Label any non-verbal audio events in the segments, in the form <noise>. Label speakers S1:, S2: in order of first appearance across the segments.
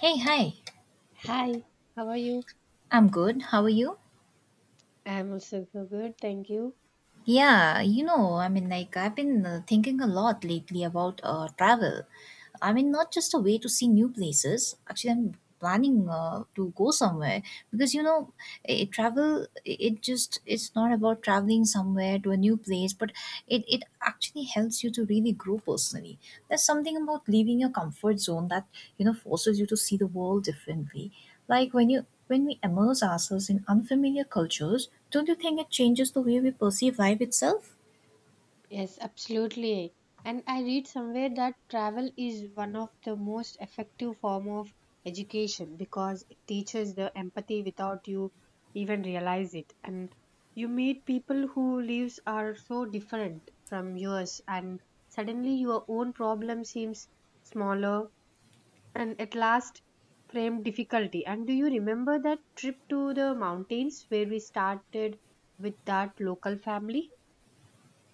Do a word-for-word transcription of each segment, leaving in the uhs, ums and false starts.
S1: Hey, hi.
S2: Hi, how are you?
S1: I'm good. How are you?
S2: I'm also so good, thank you.
S1: Yeah, you know, I mean, like, I've been uh, thinking a lot lately about uh, travel. I mean, not just a way to see new places. Actually, I'm planning uh, to go somewhere because you know, it, travel. It it just it's not about traveling somewhere to a new place, but it it actually helps you to really grow personally. There's something about leaving your comfort zone that you know forces you to see the world differently. Like when you when we immerse ourselves in unfamiliar cultures, don't you think it changes the way we perceive life itself?
S2: Yes, absolutely. And I read somewhere that travel is one of the most effective form of education because it teaches the empathy without you even realize it. And you meet people who lives are so different from yours and suddenly your own problem seems smaller and at last framed difficulty. And do you remember that trip to the mountains where we started with that local family?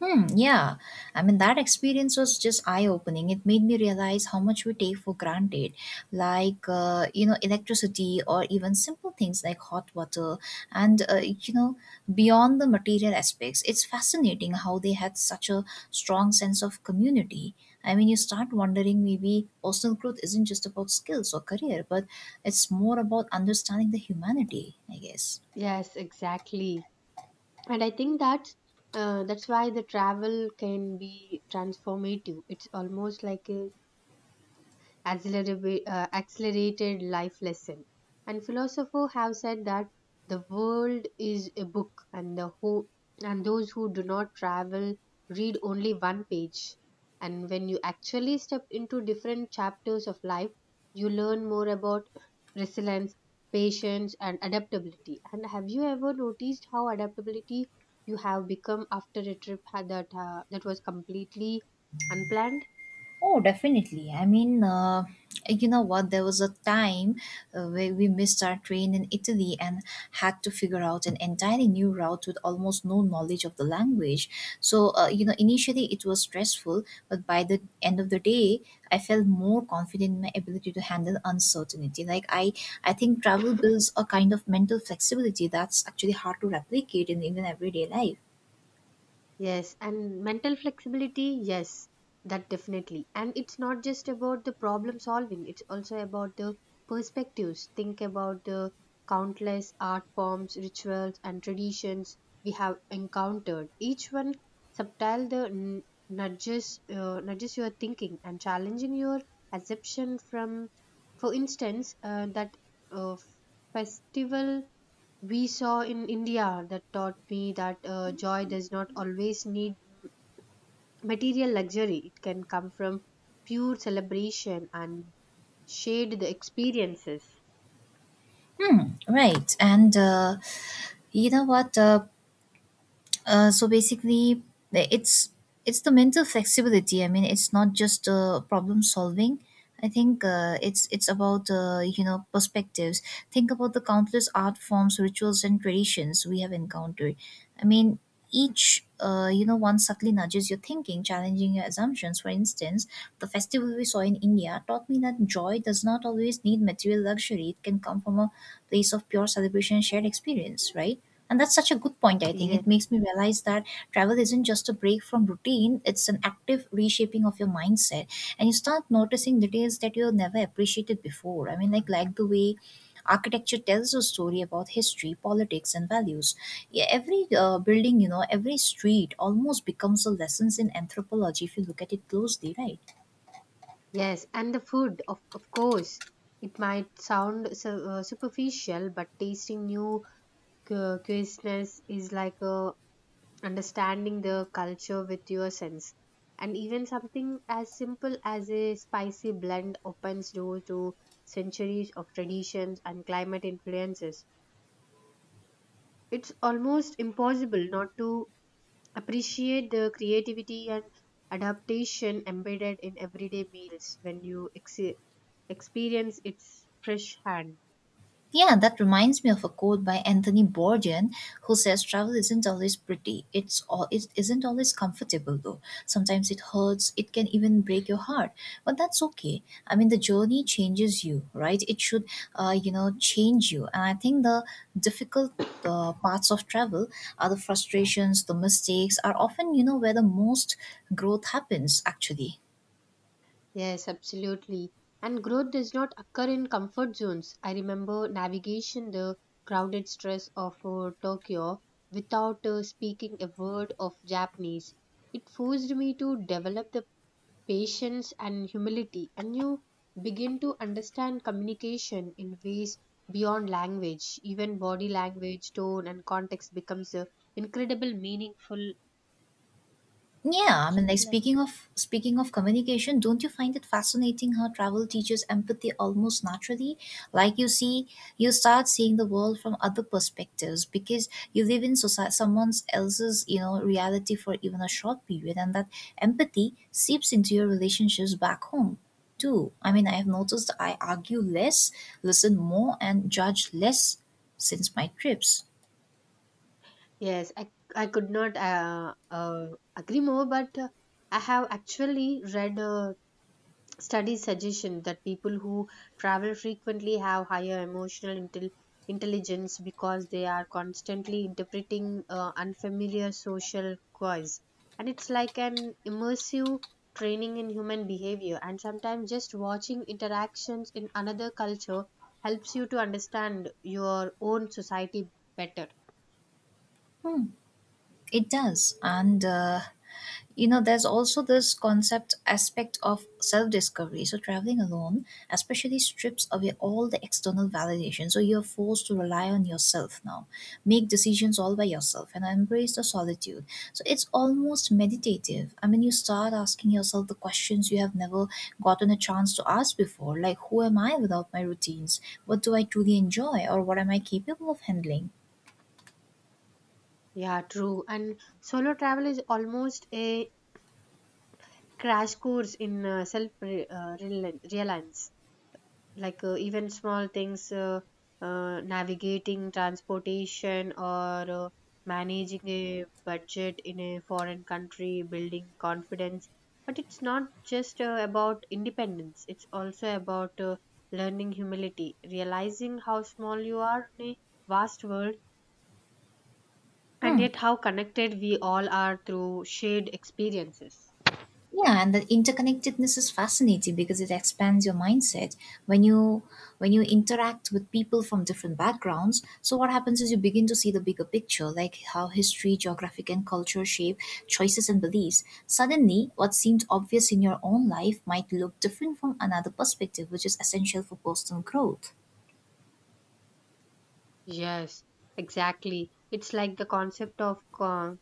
S1: Hmm, yeah. I mean, that experience was just eye opening. It made me realize how much we take for granted, like, uh, you know, electricity or even simple things like hot water. And, uh, you know, beyond the material aspects, it's fascinating how they had such a strong sense of community. I mean, you start wondering maybe personal growth isn't just about skills or career, but it's more about understanding the humanity, I guess.
S2: Yes, exactly. And I think that's uh, that's why the travel can be transformative. It's almost like a accelerab- uh, accelerated life lesson. And philosophers have said that the world is a book, and the who and those who do not travel read only one page. And when you actually step into different chapters of life, you learn more about resilience, patience, and adaptability. And have you ever noticed how adaptability you have become after a trip had that uh, that was completely unplanned?
S1: Oh, definitely. I mean, uh, you know what? there was a time uh, where we missed our train in Italy and had to figure out an entirely new route with almost no knowledge of the language. So, uh, you know, initially it was stressful, but by the end of the day, I felt more confident in my ability to handle uncertainty. Like I, I think travel builds a kind of mental flexibility that's actually hard to replicate in even everyday life.
S2: Yes, and mental flexibility, yes, that definitely. And it's not just about the problem solving, it's also about the perspectives. Think about the countless art forms, rituals, and traditions we have encountered. Each one subtle the n- nudges, uh, nudges your thinking and challenging your assumption from, for instance, uh, that uh, festival we saw in India that taught me that uh, joy does not always need material luxury. It can come from pure celebration and shared the experiences.
S1: Right, and. Uh, you know what? Uh, Uh, so basically it's it's the mental flexibility. I mean, it's not just uh, problem solving. I think uh, it's it's about uh, you know perspectives. Think about the countless art forms, rituals, and traditions we have encountered. I mean, each uh, you know one subtly nudges your thinking, challenging your assumptions. For instance, the festival we saw in India taught me that joy does not always need material luxury. It can come from a place of pure celebration and shared experience, right? And that's such a good point, I think.
S2: Yes,
S1: It makes me realize that travel isn't just a break from routine, it's an active reshaping of your mindset. And you start noticing details that you never appreciated before. I mean, like, like the way architecture tells a story about history, politics, and values. Yeah, every uh, building, you know, every street almost becomes a lessons in anthropology if you look at it closely, right?
S2: yes, and the food, of, of course. It might sound su- uh, superficial, but tasting new cu- cuisines is like a understanding the culture with your sense. And even something as simple as a spicy blend opens door to centuries of traditions and climate influences. It's almost impossible not to appreciate the creativity and adaptation embedded in everyday meals when you ex- experience its fresh hand.
S1: Yeah, that reminds me of a quote by Anthony Bourdain who says travel isn't always pretty. It's all it isn't always comfortable though. Sometimes it hurts, it can even break your heart. But that's okay. I mean the journey changes you, right? It should uh, you know, change you. And I think the difficult uh, parts of travel are the frustrations, the mistakes are often, you know, where the most growth happens actually.
S2: Yes, absolutely. And growth does not occur in comfort zones. I remember navigation the crowded stress of uh, Tokyo without uh, speaking a word of Japanese. It forced me to develop the patience and humility, and you begin to understand communication in ways beyond language. Even body language, tone, and context becomes uh, incredible meaningful.
S1: Yeah, I mean, like
S2: Incredible.
S1: speaking of speaking of communication, don't you find it fascinating how travel teaches empathy almost naturally? Like you see, you start seeing the world from other perspectives because you live in society, someone else's, you know, reality for even a short period, and that empathy seeps into your relationships back home too. I mean, I have noticed I argue less, listen more, and judge less since my trips.
S2: Yes, I, I could not uh, uh, agree more, but uh, I have actually read a study suggestion that people who travel frequently have higher emotional intel intelligence because they are constantly interpreting uh, unfamiliar social cues. And it's like an immersive training in human behavior. And sometimes just watching interactions in another culture helps you to understand your own society better.
S1: Hmm, it does. And. Uh, you know, there's also this concept aspect of self discovery. So traveling alone especially strips away all the external validation, so you're forced to rely on yourself now, make decisions all by yourself and embrace the solitude. So it's almost meditative. I mean, you start asking yourself the questions you have never gotten a chance to ask before, like who am I without my routines, what do I truly enjoy, or what am I capable of handling.
S2: Yeah, true. And solo travel is almost a crash course in uh, self re- uh, reali- reliance. Like uh, even small things, uh, uh, navigating transportation or uh, managing a budget in a foreign country, building confidence. But it's not just uh, about independence. It's also about uh, learning humility, realizing how small you are in a vast world. And
S1: Hmm,
S2: yet, how connected we all are through shared experiences.
S1: yeah. And the interconnectedness is fascinating because it expands your mindset. When you when you interact with people from different backgrounds, so what happens is you begin to see the bigger picture, like how history, geographic, and culture shape choices and beliefs. Suddenly what seemed obvious in your own life might look different from another perspective, which is essential for personal growth.
S2: Yes, exactly. It's like the concept of uh,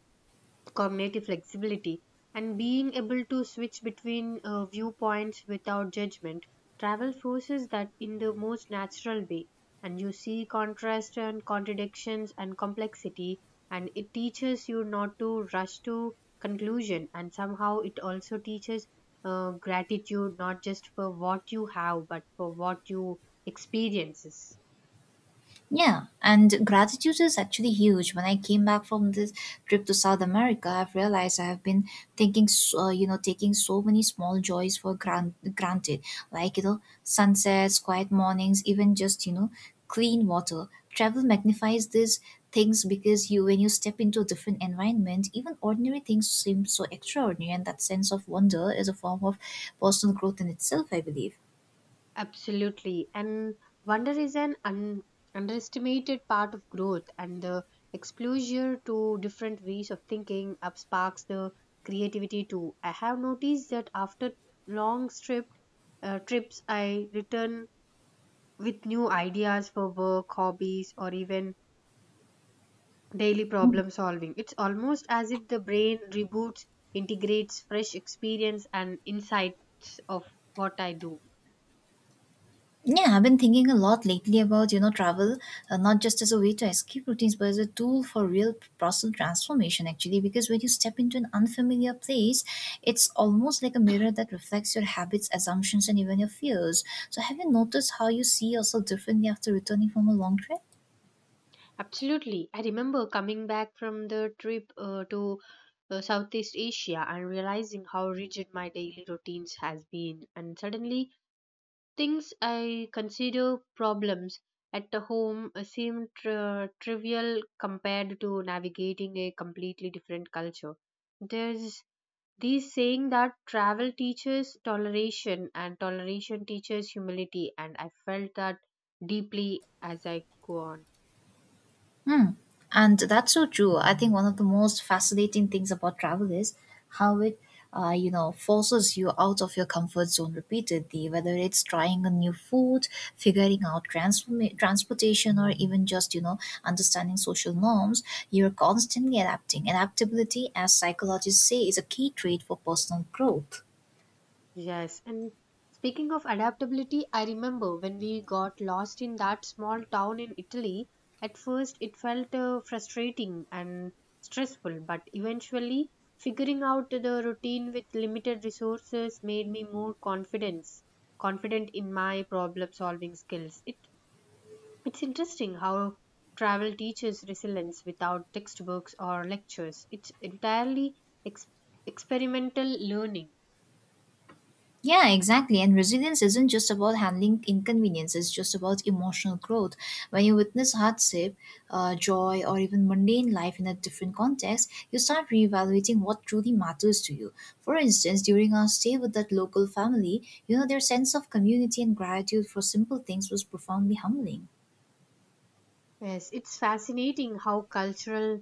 S2: cognitive flexibility, and being able to switch between uh, viewpoints without judgment. Travel forces that in the most natural way, and you see contrast and contradictions and complexity, and it teaches you not to rush to conclusion, and somehow it also teaches uh, gratitude not just for what you have but for what you experiences.
S1: Yeah, and gratitude is actually huge. When I came back from this trip to South America, I've realized I have been thinking, so, uh, you know, taking so many small joys for gran- granted, like, you know, sunsets, quiet mornings, even just, you know, clean water. Travel magnifies these things because you, when you step into a different environment, even ordinary things seem so extraordinary, and that sense of wonder is a form of personal growth in itself, I believe.
S2: Absolutely. And wonder is an un- underestimated part of growth, and the exposure to different ways of thinking up sparks the creativity too. I have noticed that after long trip, uh, trips, I return with new ideas for work, hobbies, or even daily problem solving. It's almost as if the brain reboots, integrates fresh experience and insights of what I do.
S1: Yeah, I've been thinking a lot lately about, you know, travel, uh, not just as a way to escape routines, but as a tool for real personal transformation, actually. Because when you step into an unfamiliar place, it's almost like a mirror that reflects your habits, assumptions, and even your fears. So, have you noticed how you see yourself differently after returning from a long trip?
S2: Absolutely. I remember coming back from the trip uh, to uh, Southeast Asia and realizing how rigid my daily routines has been and suddenly things I consider problems at the home uh, seem tri- trivial compared to navigating a completely different culture. There's this saying that travel teaches toleration and toleration teaches humility and I felt that deeply as I go on.
S1: Hmm. And that's so true. I think one of the most fascinating things about travel is how it, uh, you know, forces you out of your comfort zone repeatedly, whether it's trying a new food, figuring out transform- transportation, or even just, you know, understanding social norms. You're constantly adapting. Adaptability, as psychologists say, is a key trait for personal growth.
S2: Yes, and speaking of adaptability, I remember when we got lost in that small town in Italy. At first, it felt uh, frustrating and stressful, but eventually, figuring out the routine with limited resources made me more confidence confident in my problem-solving skills. It it's interesting how travel teaches resilience without textbooks or lectures. It's entirely ex- experimental learning.
S1: Yeah, exactly. And resilience isn't just about handling inconvenience, it's just about emotional growth. When you witness hardship, uh, joy, or even mundane life in a different context, you start reevaluating what truly matters to you. For instance, during our stay with that local family, you know, their sense of community and gratitude for simple things was profoundly humbling.
S2: Yes, it's fascinating how cultural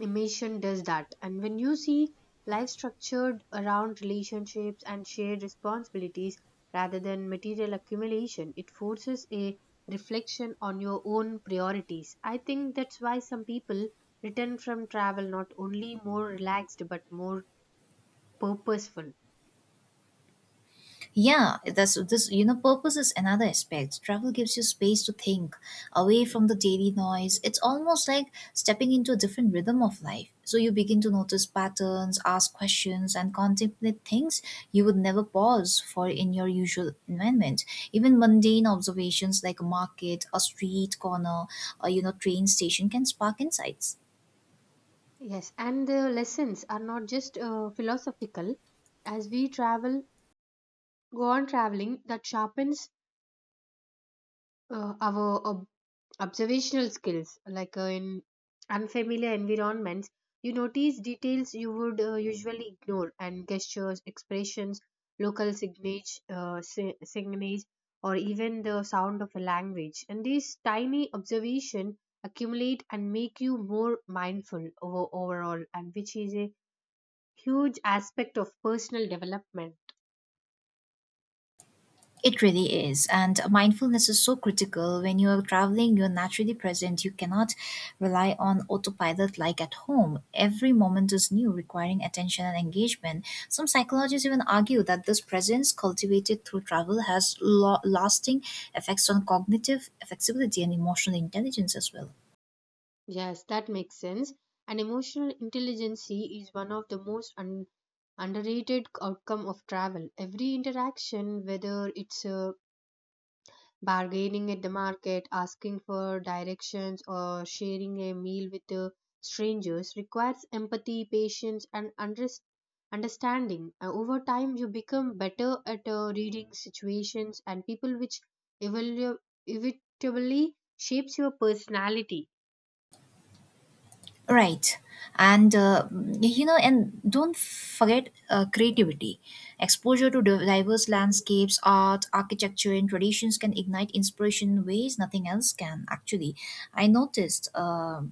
S2: immersion does that. And when you see life structured around relationships and shared responsibilities rather than material accumulation, it forces a reflection on your own priorities. I think that's why some people return from travel not only more relaxed but more purposeful.
S1: Yeah, that's this. You know, purpose is another aspect. Travel gives you space to think away from the daily noise. It's almost like stepping into a different rhythm of life. So you begin to notice patterns, ask questions, and contemplate things you would never pause for in your usual environment. Even mundane observations like a market, a street corner, or you know, train station can spark insights.
S2: Yes, and the lessons are not just uh, philosophical. As we travel, go on traveling, that sharpens uh, our ob- observational skills like uh, in unfamiliar environments you notice details you would uh, usually ignore and gestures expressions local signage uh, si- signage or even the sound of a language and these tiny observation accumulate and make you more mindful over, overall and which is a huge aspect of personal development.
S1: It really is. And mindfulness is so critical. When you are traveling, you're naturally present. You cannot rely on autopilot like at home. Every moment is new, requiring attention and engagement. Some psychologists even argue that this presence cultivated through travel has lo- lasting effects on cognitive flexibility and emotional intelligence as well.
S2: Yes, that makes sense. And emotional intelligence is one of the most un- underrated outcome of travel. Every interaction, whether it's uh, bargaining at the market, asking for directions, or sharing a meal with uh, strangers, requires empathy, patience, and unders- understanding. Uh, over time, you become better at uh, reading situations and people, which evolu- inevitably shapes your personality.
S1: Right. And, uh, you know, and don't forget uh, creativity. Exposure to di- diverse landscapes, art, architecture, and traditions can ignite inspiration in ways nothing else can, actually. I noticed, uh,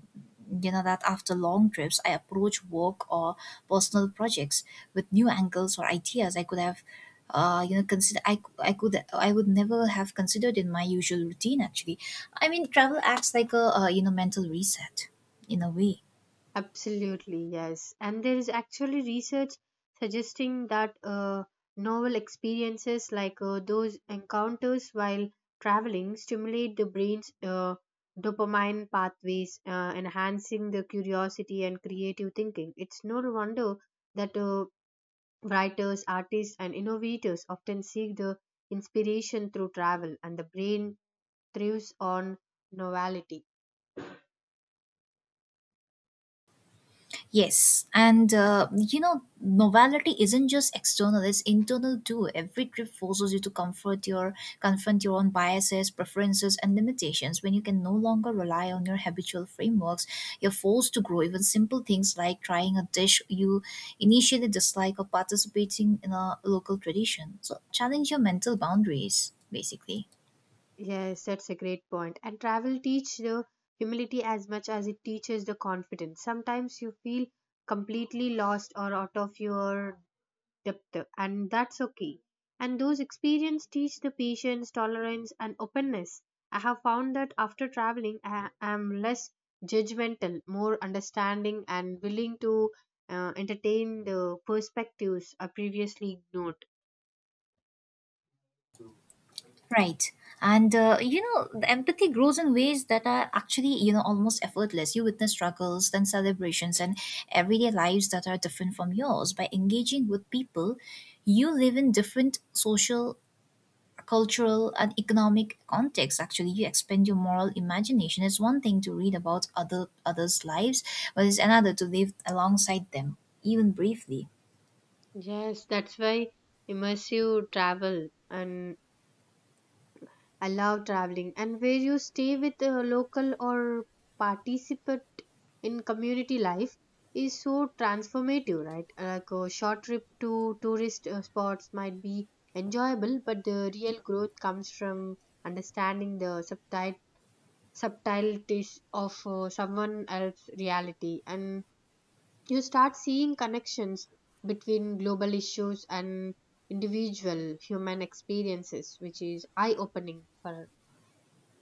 S1: you know, that after long trips, I approach work or personal projects with new angles or ideas I could have. Uh, you know, consider I, I could I would never have considered in my usual routine. Actually, I mean, travel acts like a uh, you know mental reset in a way.
S2: Absolutely, yes. And there is actually research suggesting that uh, novel experiences like uh, those encounters while traveling stimulate the brain's uh, dopamine pathways, uh, enhancing the curiosity and creative thinking. It's no wonder that uh, writers, artists, and innovators often seek the inspiration through travel, and the brain thrives on novelty.
S1: Yes, and uh, you know, novelty isn't just external; it's internal too. Every trip forces you to comfort your confront your own biases, preferences, and limitations. When you can no longer rely on your habitual frameworks, you're forced to grow. Even simple things like trying a dish you initially dislike or participating in a local tradition. So challenge your mental boundaries, basically.
S2: Yes, that's a great point. And travel teach the humility as much as it teaches the confidence. Sometimes you feel completely lost or out of your depth, and that's okay. And those experiences teach the patience, tolerance, and openness. I have found that after traveling, I am less judgmental, more understanding, and willing to uh, entertain the perspectives I previously ignored.
S1: Right. And, uh, you know, the empathy grows in ways that are actually, you know, almost effortless. You witness struggles, then celebrations, and everyday lives that are different from yours. By engaging with people, you live in different social, cultural, and economic contexts. Actually, you expand your moral imagination. It's one thing to read about other others' lives, but it's another to live alongside them, even briefly.
S2: Yes, that's why immersive travel and I love traveling. And where you stay with a local or participate in community life is so transformative, right? Like a short trip to tourist uh, spots might be enjoyable, but the real growth comes from understanding the subtitle subtleties of uh, someone else's reality and you start seeing connections between global issues and individual human experiences which is eye opening for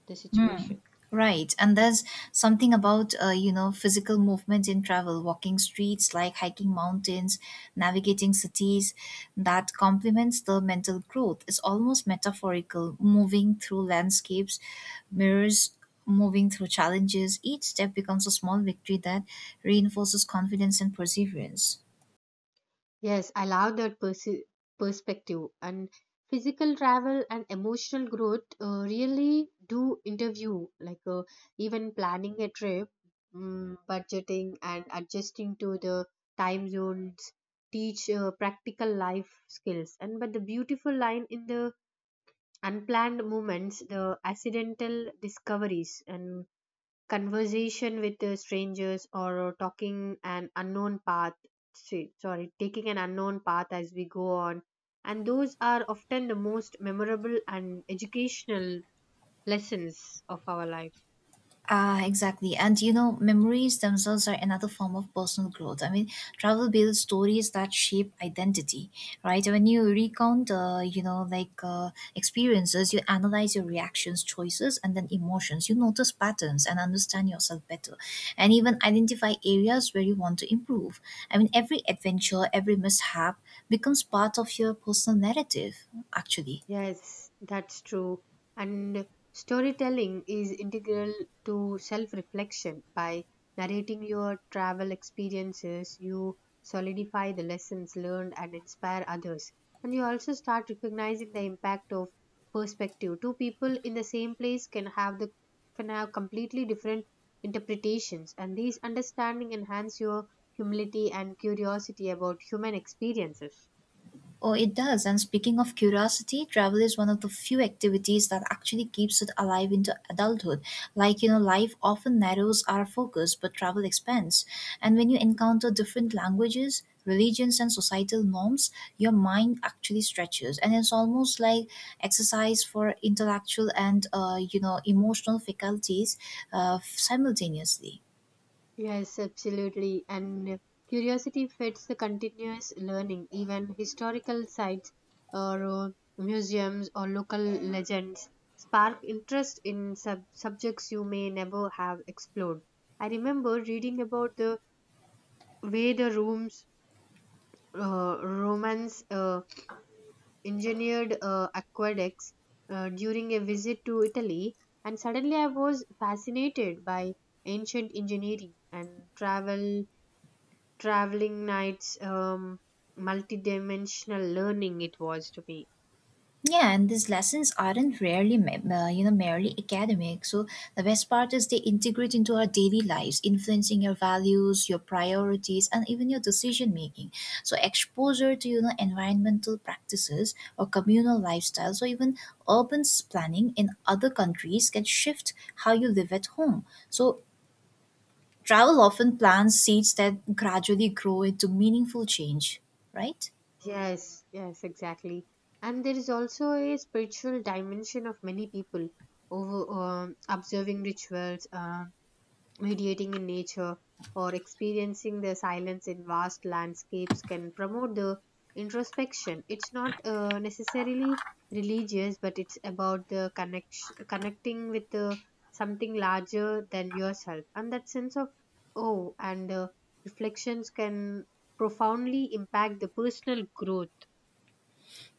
S2: the situation.
S1: Right, and there's something about uh, you know physical movement in travel, walking streets, like hiking mountains, navigating cities, that complements the mental growth. It's almost metaphorical, moving through landscapes, mirrors, moving through challenges. Each step becomes a small victory that reinforces confidence and perseverance.
S2: Yes, I love that persi- perspective. And physical travel and emotional growth uh, really do interview, like uh, even planning a trip, mm, budgeting, and adjusting to the time zones teach uh, practical life skills. And but the beautiful line in the unplanned moments, the accidental discoveries, and conversation with uh, strangers or uh, talking an unknown path say- sorry taking an unknown path as we go on and those are often the most memorable and educational lessons of our life.
S1: Ah, exactly. And you know, memories themselves are another form of personal growth. I mean, travel builds stories that shape identity, right? When you recount, uh, you know, like uh, experiences, you analyze your reactions, choices, and then emotions. You notice patterns and understand yourself better, and even identify areas where you want to improve. I mean, every adventure, every mishap becomes part of your personal narrative, actually.
S2: Yes, that's true. And storytelling is integral to self reflection. By narrating your travel experiences, you solidify the lessons learned and inspire others. And you also start recognizing the impact of perspective. Two people in the same place can have the can have completely different interpretations, and these understanding enhance your humility and curiosity about human experiences.
S1: Oh, it does. And speaking of curiosity, travel is one of the few activities that actually keeps it alive into adulthood. Like, you know, life often narrows our focus, but travel expands. And when you encounter different languages, religions, and societal norms, your mind actually stretches. And it's almost like exercise for intellectual and, uh, you know, emotional faculties uh, simultaneously.
S2: Yes, absolutely. And curiosity fits the continuous learning. Even historical sites or uh, museums or local legends spark interest in sub- subjects you may never have explored. I remember reading about the way the rooms, uh, Romans uh, engineered uh, aqueducts uh, during a visit to Italy, and suddenly I was fascinated by ancient engineering and travel traveling nights um multidimensional learning it was to me.
S1: Yeah, and these lessons aren't rarely, me- uh, you know, merely academic. So the best part is they integrate into our daily lives, influencing your values, your priorities, and even your decision making. So exposure to you know environmental practices or communal lifestyles, or even urban s- planning in other countries can shift how you live at home. So travel often plants seeds that gradually grow into meaningful change, right?
S2: Yes, yes, exactly. And there is also a spiritual dimension of many people over um, observing rituals uh, meditating in nature or experiencing the silence in vast landscapes can promote the introspection. It's not uh, necessarily religious but it's about the connection connecting with uh, something larger than yourself and that sense of oh and uh, reflections can profoundly impact the personal growth.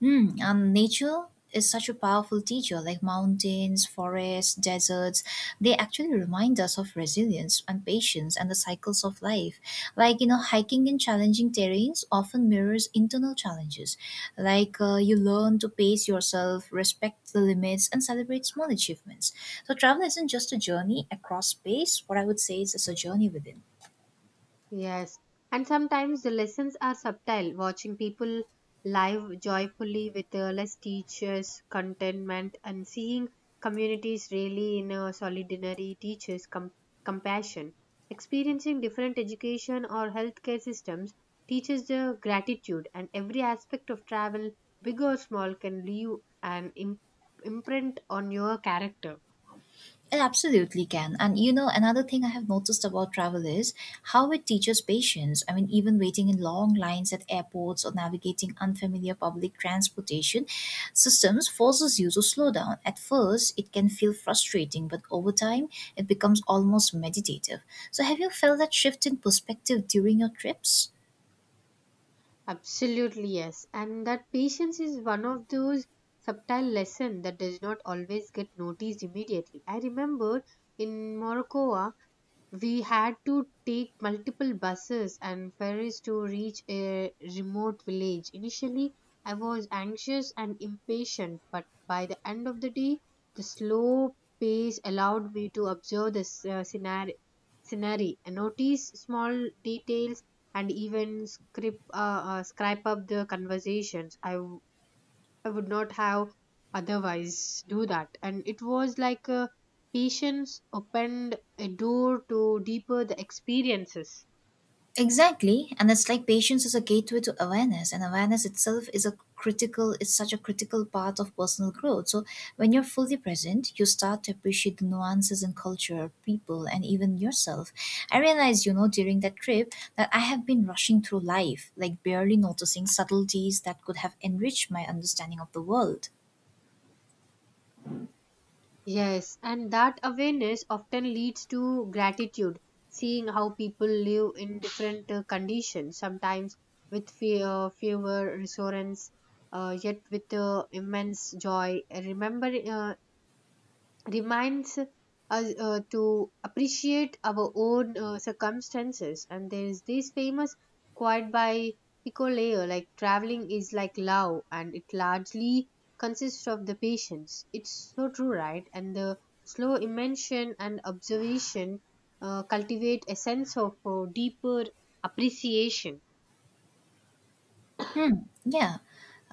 S1: Hmm, and nature is such a powerful teacher, like mountains, forests, deserts. They actually remind us of resilience and patience and the cycles of life. Like, you know, hiking in challenging terrains often mirrors internal challenges. Like, uh, you learn to pace yourself, respect the limits, and celebrate small achievements. So, travel isn't just a journey across space, what I would say is it's a journey within.
S2: Yes, and sometimes the lessons are subtle. Watching people live joyfully with uh, less teachers, contentment, and seeing communities really in a solidarity teaches com- compassion. Experiencing different education or healthcare systems teaches the gratitude, and every aspect of travel, big or small, can leave an im- imprint on your character.
S1: It absolutely can. And you know, another thing I have noticed about travel is how it teaches patience. I mean, even waiting in long lines at airports or navigating unfamiliar public transportation systems forces you to slow down. At first, it can feel frustrating, but over time, it becomes almost meditative. So, have you felt that shift in perspective during your trips?
S2: Absolutely, yes. And that patience is one of those subtle lessons that does not always get noticed immediately. I remember in Morocco we had to take multiple buses and ferries to reach a remote village. Initially, I was anxious and impatient, but by the end of the day, the slow pace allowed me to observe the s- uh, scenario, scenery, and notice small details, and even script, uh, uh, scribe up the conversations. I I would not have otherwise do that. And it was like uh, patience opened a door to deeper the experiences.
S1: Exactly, and it's like patience is a gateway to awareness, and awareness itself is a critical is such a critical part of personal growth. So when you're fully present, you start to appreciate the nuances in culture, people, and even yourself. I realized, you know, during that trip that I have been rushing through life, like barely noticing subtleties that could have enriched my understanding of the world.
S2: Yes, and that awareness often leads to gratitude, seeing how people live in different uh, conditions, sometimes with fear, fewer resources, uh, yet with uh, immense joy. Remember, uh, reminds us uh, to appreciate our own uh, circumstances. And there is this famous quote by Picoleo like, traveling is like love, and it largely consists of the patience. It's so true, right? And the slow immersion and observation uh, cultivate a sense of uh, deeper appreciation.
S1: Hmm. Yeah.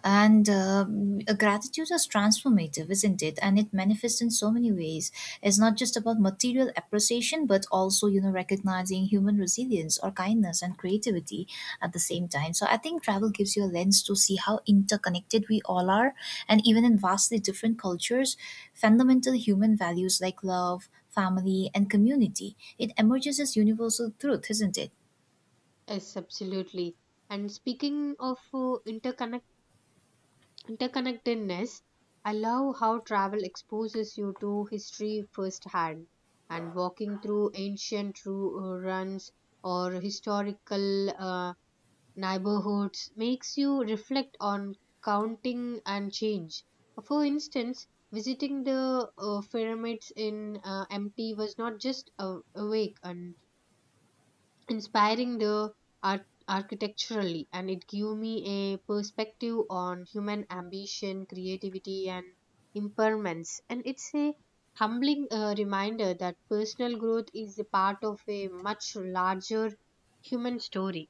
S1: And um, uh, gratitude is transformative, isn't it? And it manifests in so many ways. It's not just about material appreciation, but also, you know, recognizing human resilience or kindness and creativity at the same time. So I think travel gives you a lens to see how interconnected we all are. And even in vastly different cultures, fundamental human values like love, family, and community, it emerges as universal truth, isn't it?
S2: Yes, absolutely. And speaking of uh, interconnectedness, interconnectedness, I love how travel exposes you to history firsthand, and walking through ancient ru- uh, runs or historical uh, neighborhoods makes you reflect on counting and change. For instance, visiting the uh, pyramids in uh, mt was not just a, a wake and inspiring the art- architecturally, and it gave me a perspective on human ambition, creativity, and impairments. And it's a humbling uh, reminder that personal growth is a part of a much larger human story.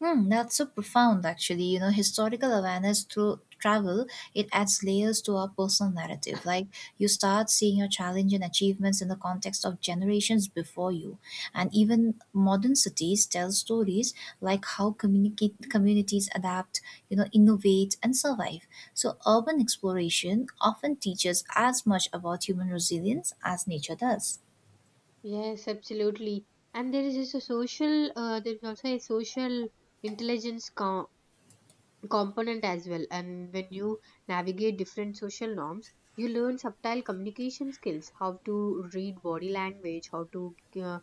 S1: Hmm, that's so profound, actually. You know, historical awareness through travel, it adds layers to our personal narrative. Like, you start seeing your challenge and achievements in the context of generations before you. And even modern cities tell stories like how communicate, communities adapt, you know, innovate and survive. So, urban exploration often teaches as much about human resilience as nature does.
S2: Yes, absolutely. And there is also social uh, there is also a social intelligence co- component as well. And when you navigate different social norms, you learn subtle communication skills, how to read body language, how to uh,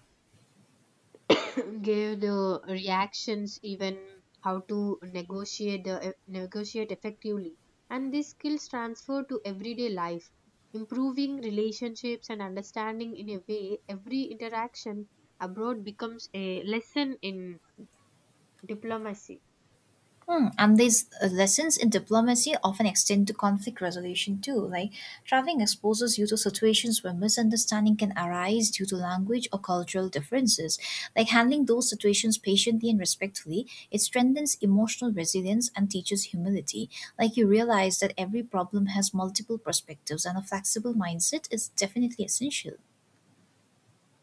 S2: <coughs> <clears throat> give the reactions, even how to negotiate the eh, negotiate effectively. And these skills transfer to everyday life, improving relationships and understanding. In a way, every interaction abroad becomes a lesson in diplomacy.
S1: Hmm, and these uh, lessons in diplomacy often extend to conflict resolution too. Like traveling exposes you to situations where misunderstanding can arise due to language or cultural differences. Like handling those situations patiently and respectfully, it strengthens emotional resilience and teaches humility. Like you realize that every problem has multiple perspectives, and a flexible mindset is definitely essential.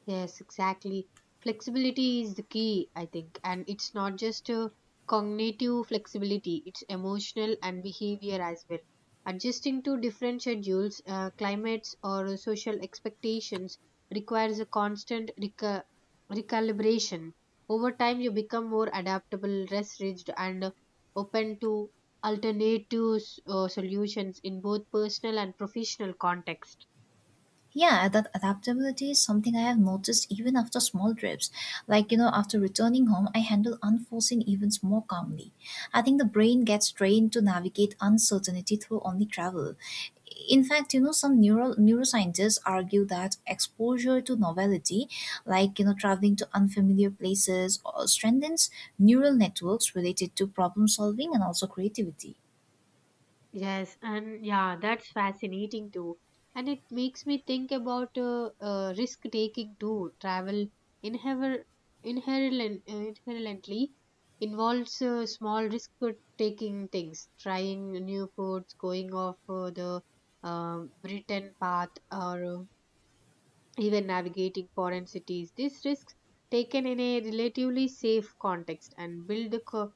S2: Yes, exactly. Flexibility is the key, I think. And it's not just a cognitive flexibility, it's emotional and behavior as well. Adjusting to different schedules, uh, climates, or social expectations requires a constant reca- recalibration. Over time, you become more adaptable, less rigid, and open to alternative uh, solutions in both personal and professional contexts.
S1: Yeah, that adaptability is something I have noticed even after small trips. Like, you know, after returning home, I handle unforeseen events more calmly. I think the brain gets trained to navigate uncertainty through only travel. In fact, you know, some neural neuroscientists argue that exposure to novelty, like, you know, traveling to unfamiliar places, uh, strengthens neural networks related to problem solving and also creativity.
S2: Yes, and yeah, that's fascinating too. And it makes me think about uh, uh, risk taking too. Travel inhever- inherent, inherently involves uh, small risk taking things, trying new foods, going off uh, the um beaten path, or uh, even navigating foreign cities. These risks, taken in a relatively safe context, and build the co-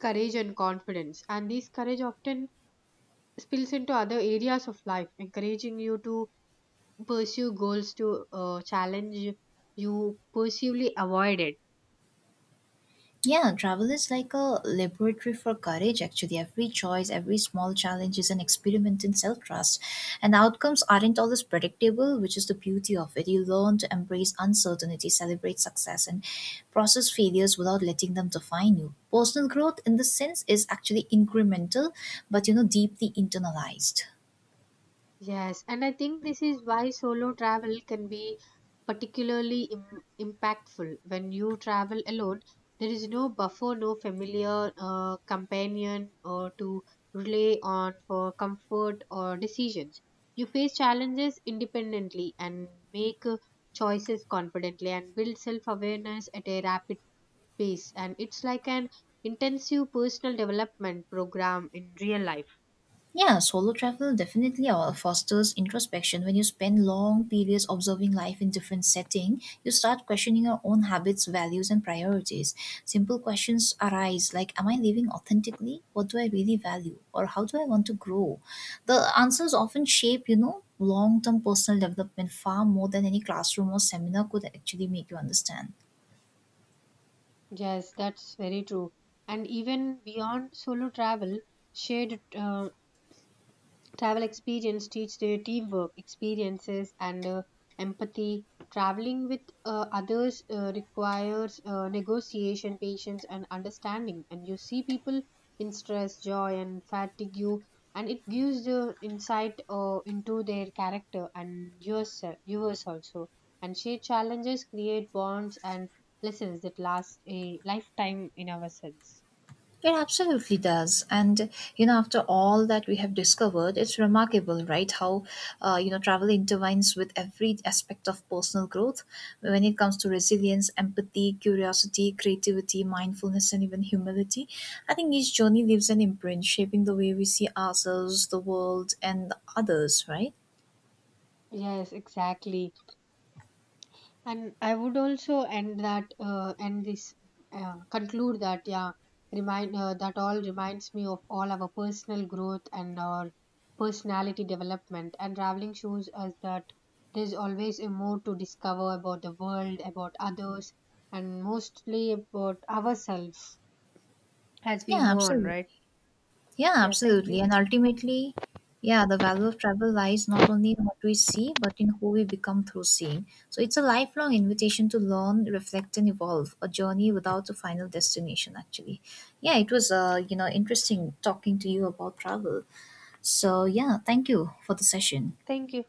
S2: courage and confidence. And this courage often spills into other areas of life, encouraging you to pursue goals to uh, challenge you pursuely avoided.
S1: Yeah, travel is like a laboratory for courage, actually. Every choice, every small challenge is an experiment in self trust. And outcomes aren't always predictable, which is the beauty of it. You learn to embrace uncertainty, celebrate success, and process failures without letting them define you. Personal growth, in this sense, is actually incremental, but you know, deeply internalized.
S2: Yes, and I think this is why solo travel can be particularly Im- impactful. When you travel alone, there is no buffer, no familiar uh, companion or to rely on for comfort or decisions. You face challenges independently and make uh, choices confidently, and build self awareness at a rapid space. And it's like an intensive personal development program in real life.
S1: Yeah, solo travel definitely uh, fosters introspection. When you spend long periods observing life in different setting, you start questioning your own habits, values, and priorities. Simple questions arise like, "Am I living authentically? What do I really value? Or how do I want to grow?" The answers often shape, you know, long-term personal development far more than any classroom or seminar could actually make you understand.
S2: Yes, that's very true. And even beyond solo travel, shared uh, Travel experience teach their teamwork, experiences, and uh, empathy. Traveling with uh, others uh, requires uh, negotiation, patience, and understanding. And you see people in stress, joy, and fatigue, and it gives the insight uh, into their character and yourself, yours also. And shared challenges create bonds and lessons that last a lifetime in ourselves.
S1: It absolutely does. And, you know, after all that we have discovered, it's remarkable, right? How, uh, you know, travel intertwines with every aspect of personal growth when it comes to resilience, empathy, curiosity, creativity, mindfulness, and even humility. I think each journey leaves an imprint, shaping the way we see ourselves, the world, and others, right?
S2: Yes, exactly. And I would also end that uh, end this uh, conclude that, yeah, remind uh, that all reminds me of all our personal growth and our personality development. And traveling shows us that there's always a more to discover about the world, about others, and mostly about ourselves as we
S1: Yeah,
S2: move on,
S1: absolutely.
S2: right?
S1: Yeah,
S2: Yeah, thank you.
S1: absolutely. And ultimately, yeah, the value of travel lies not only in what we see, but in who we become through seeing. So it's a lifelong invitation to learn, reflect, and evolve, a journey without a final destination, actually. Yeah, it was, uh, you know, interesting talking to you about travel. So yeah, thank you for the session.
S2: Thank you.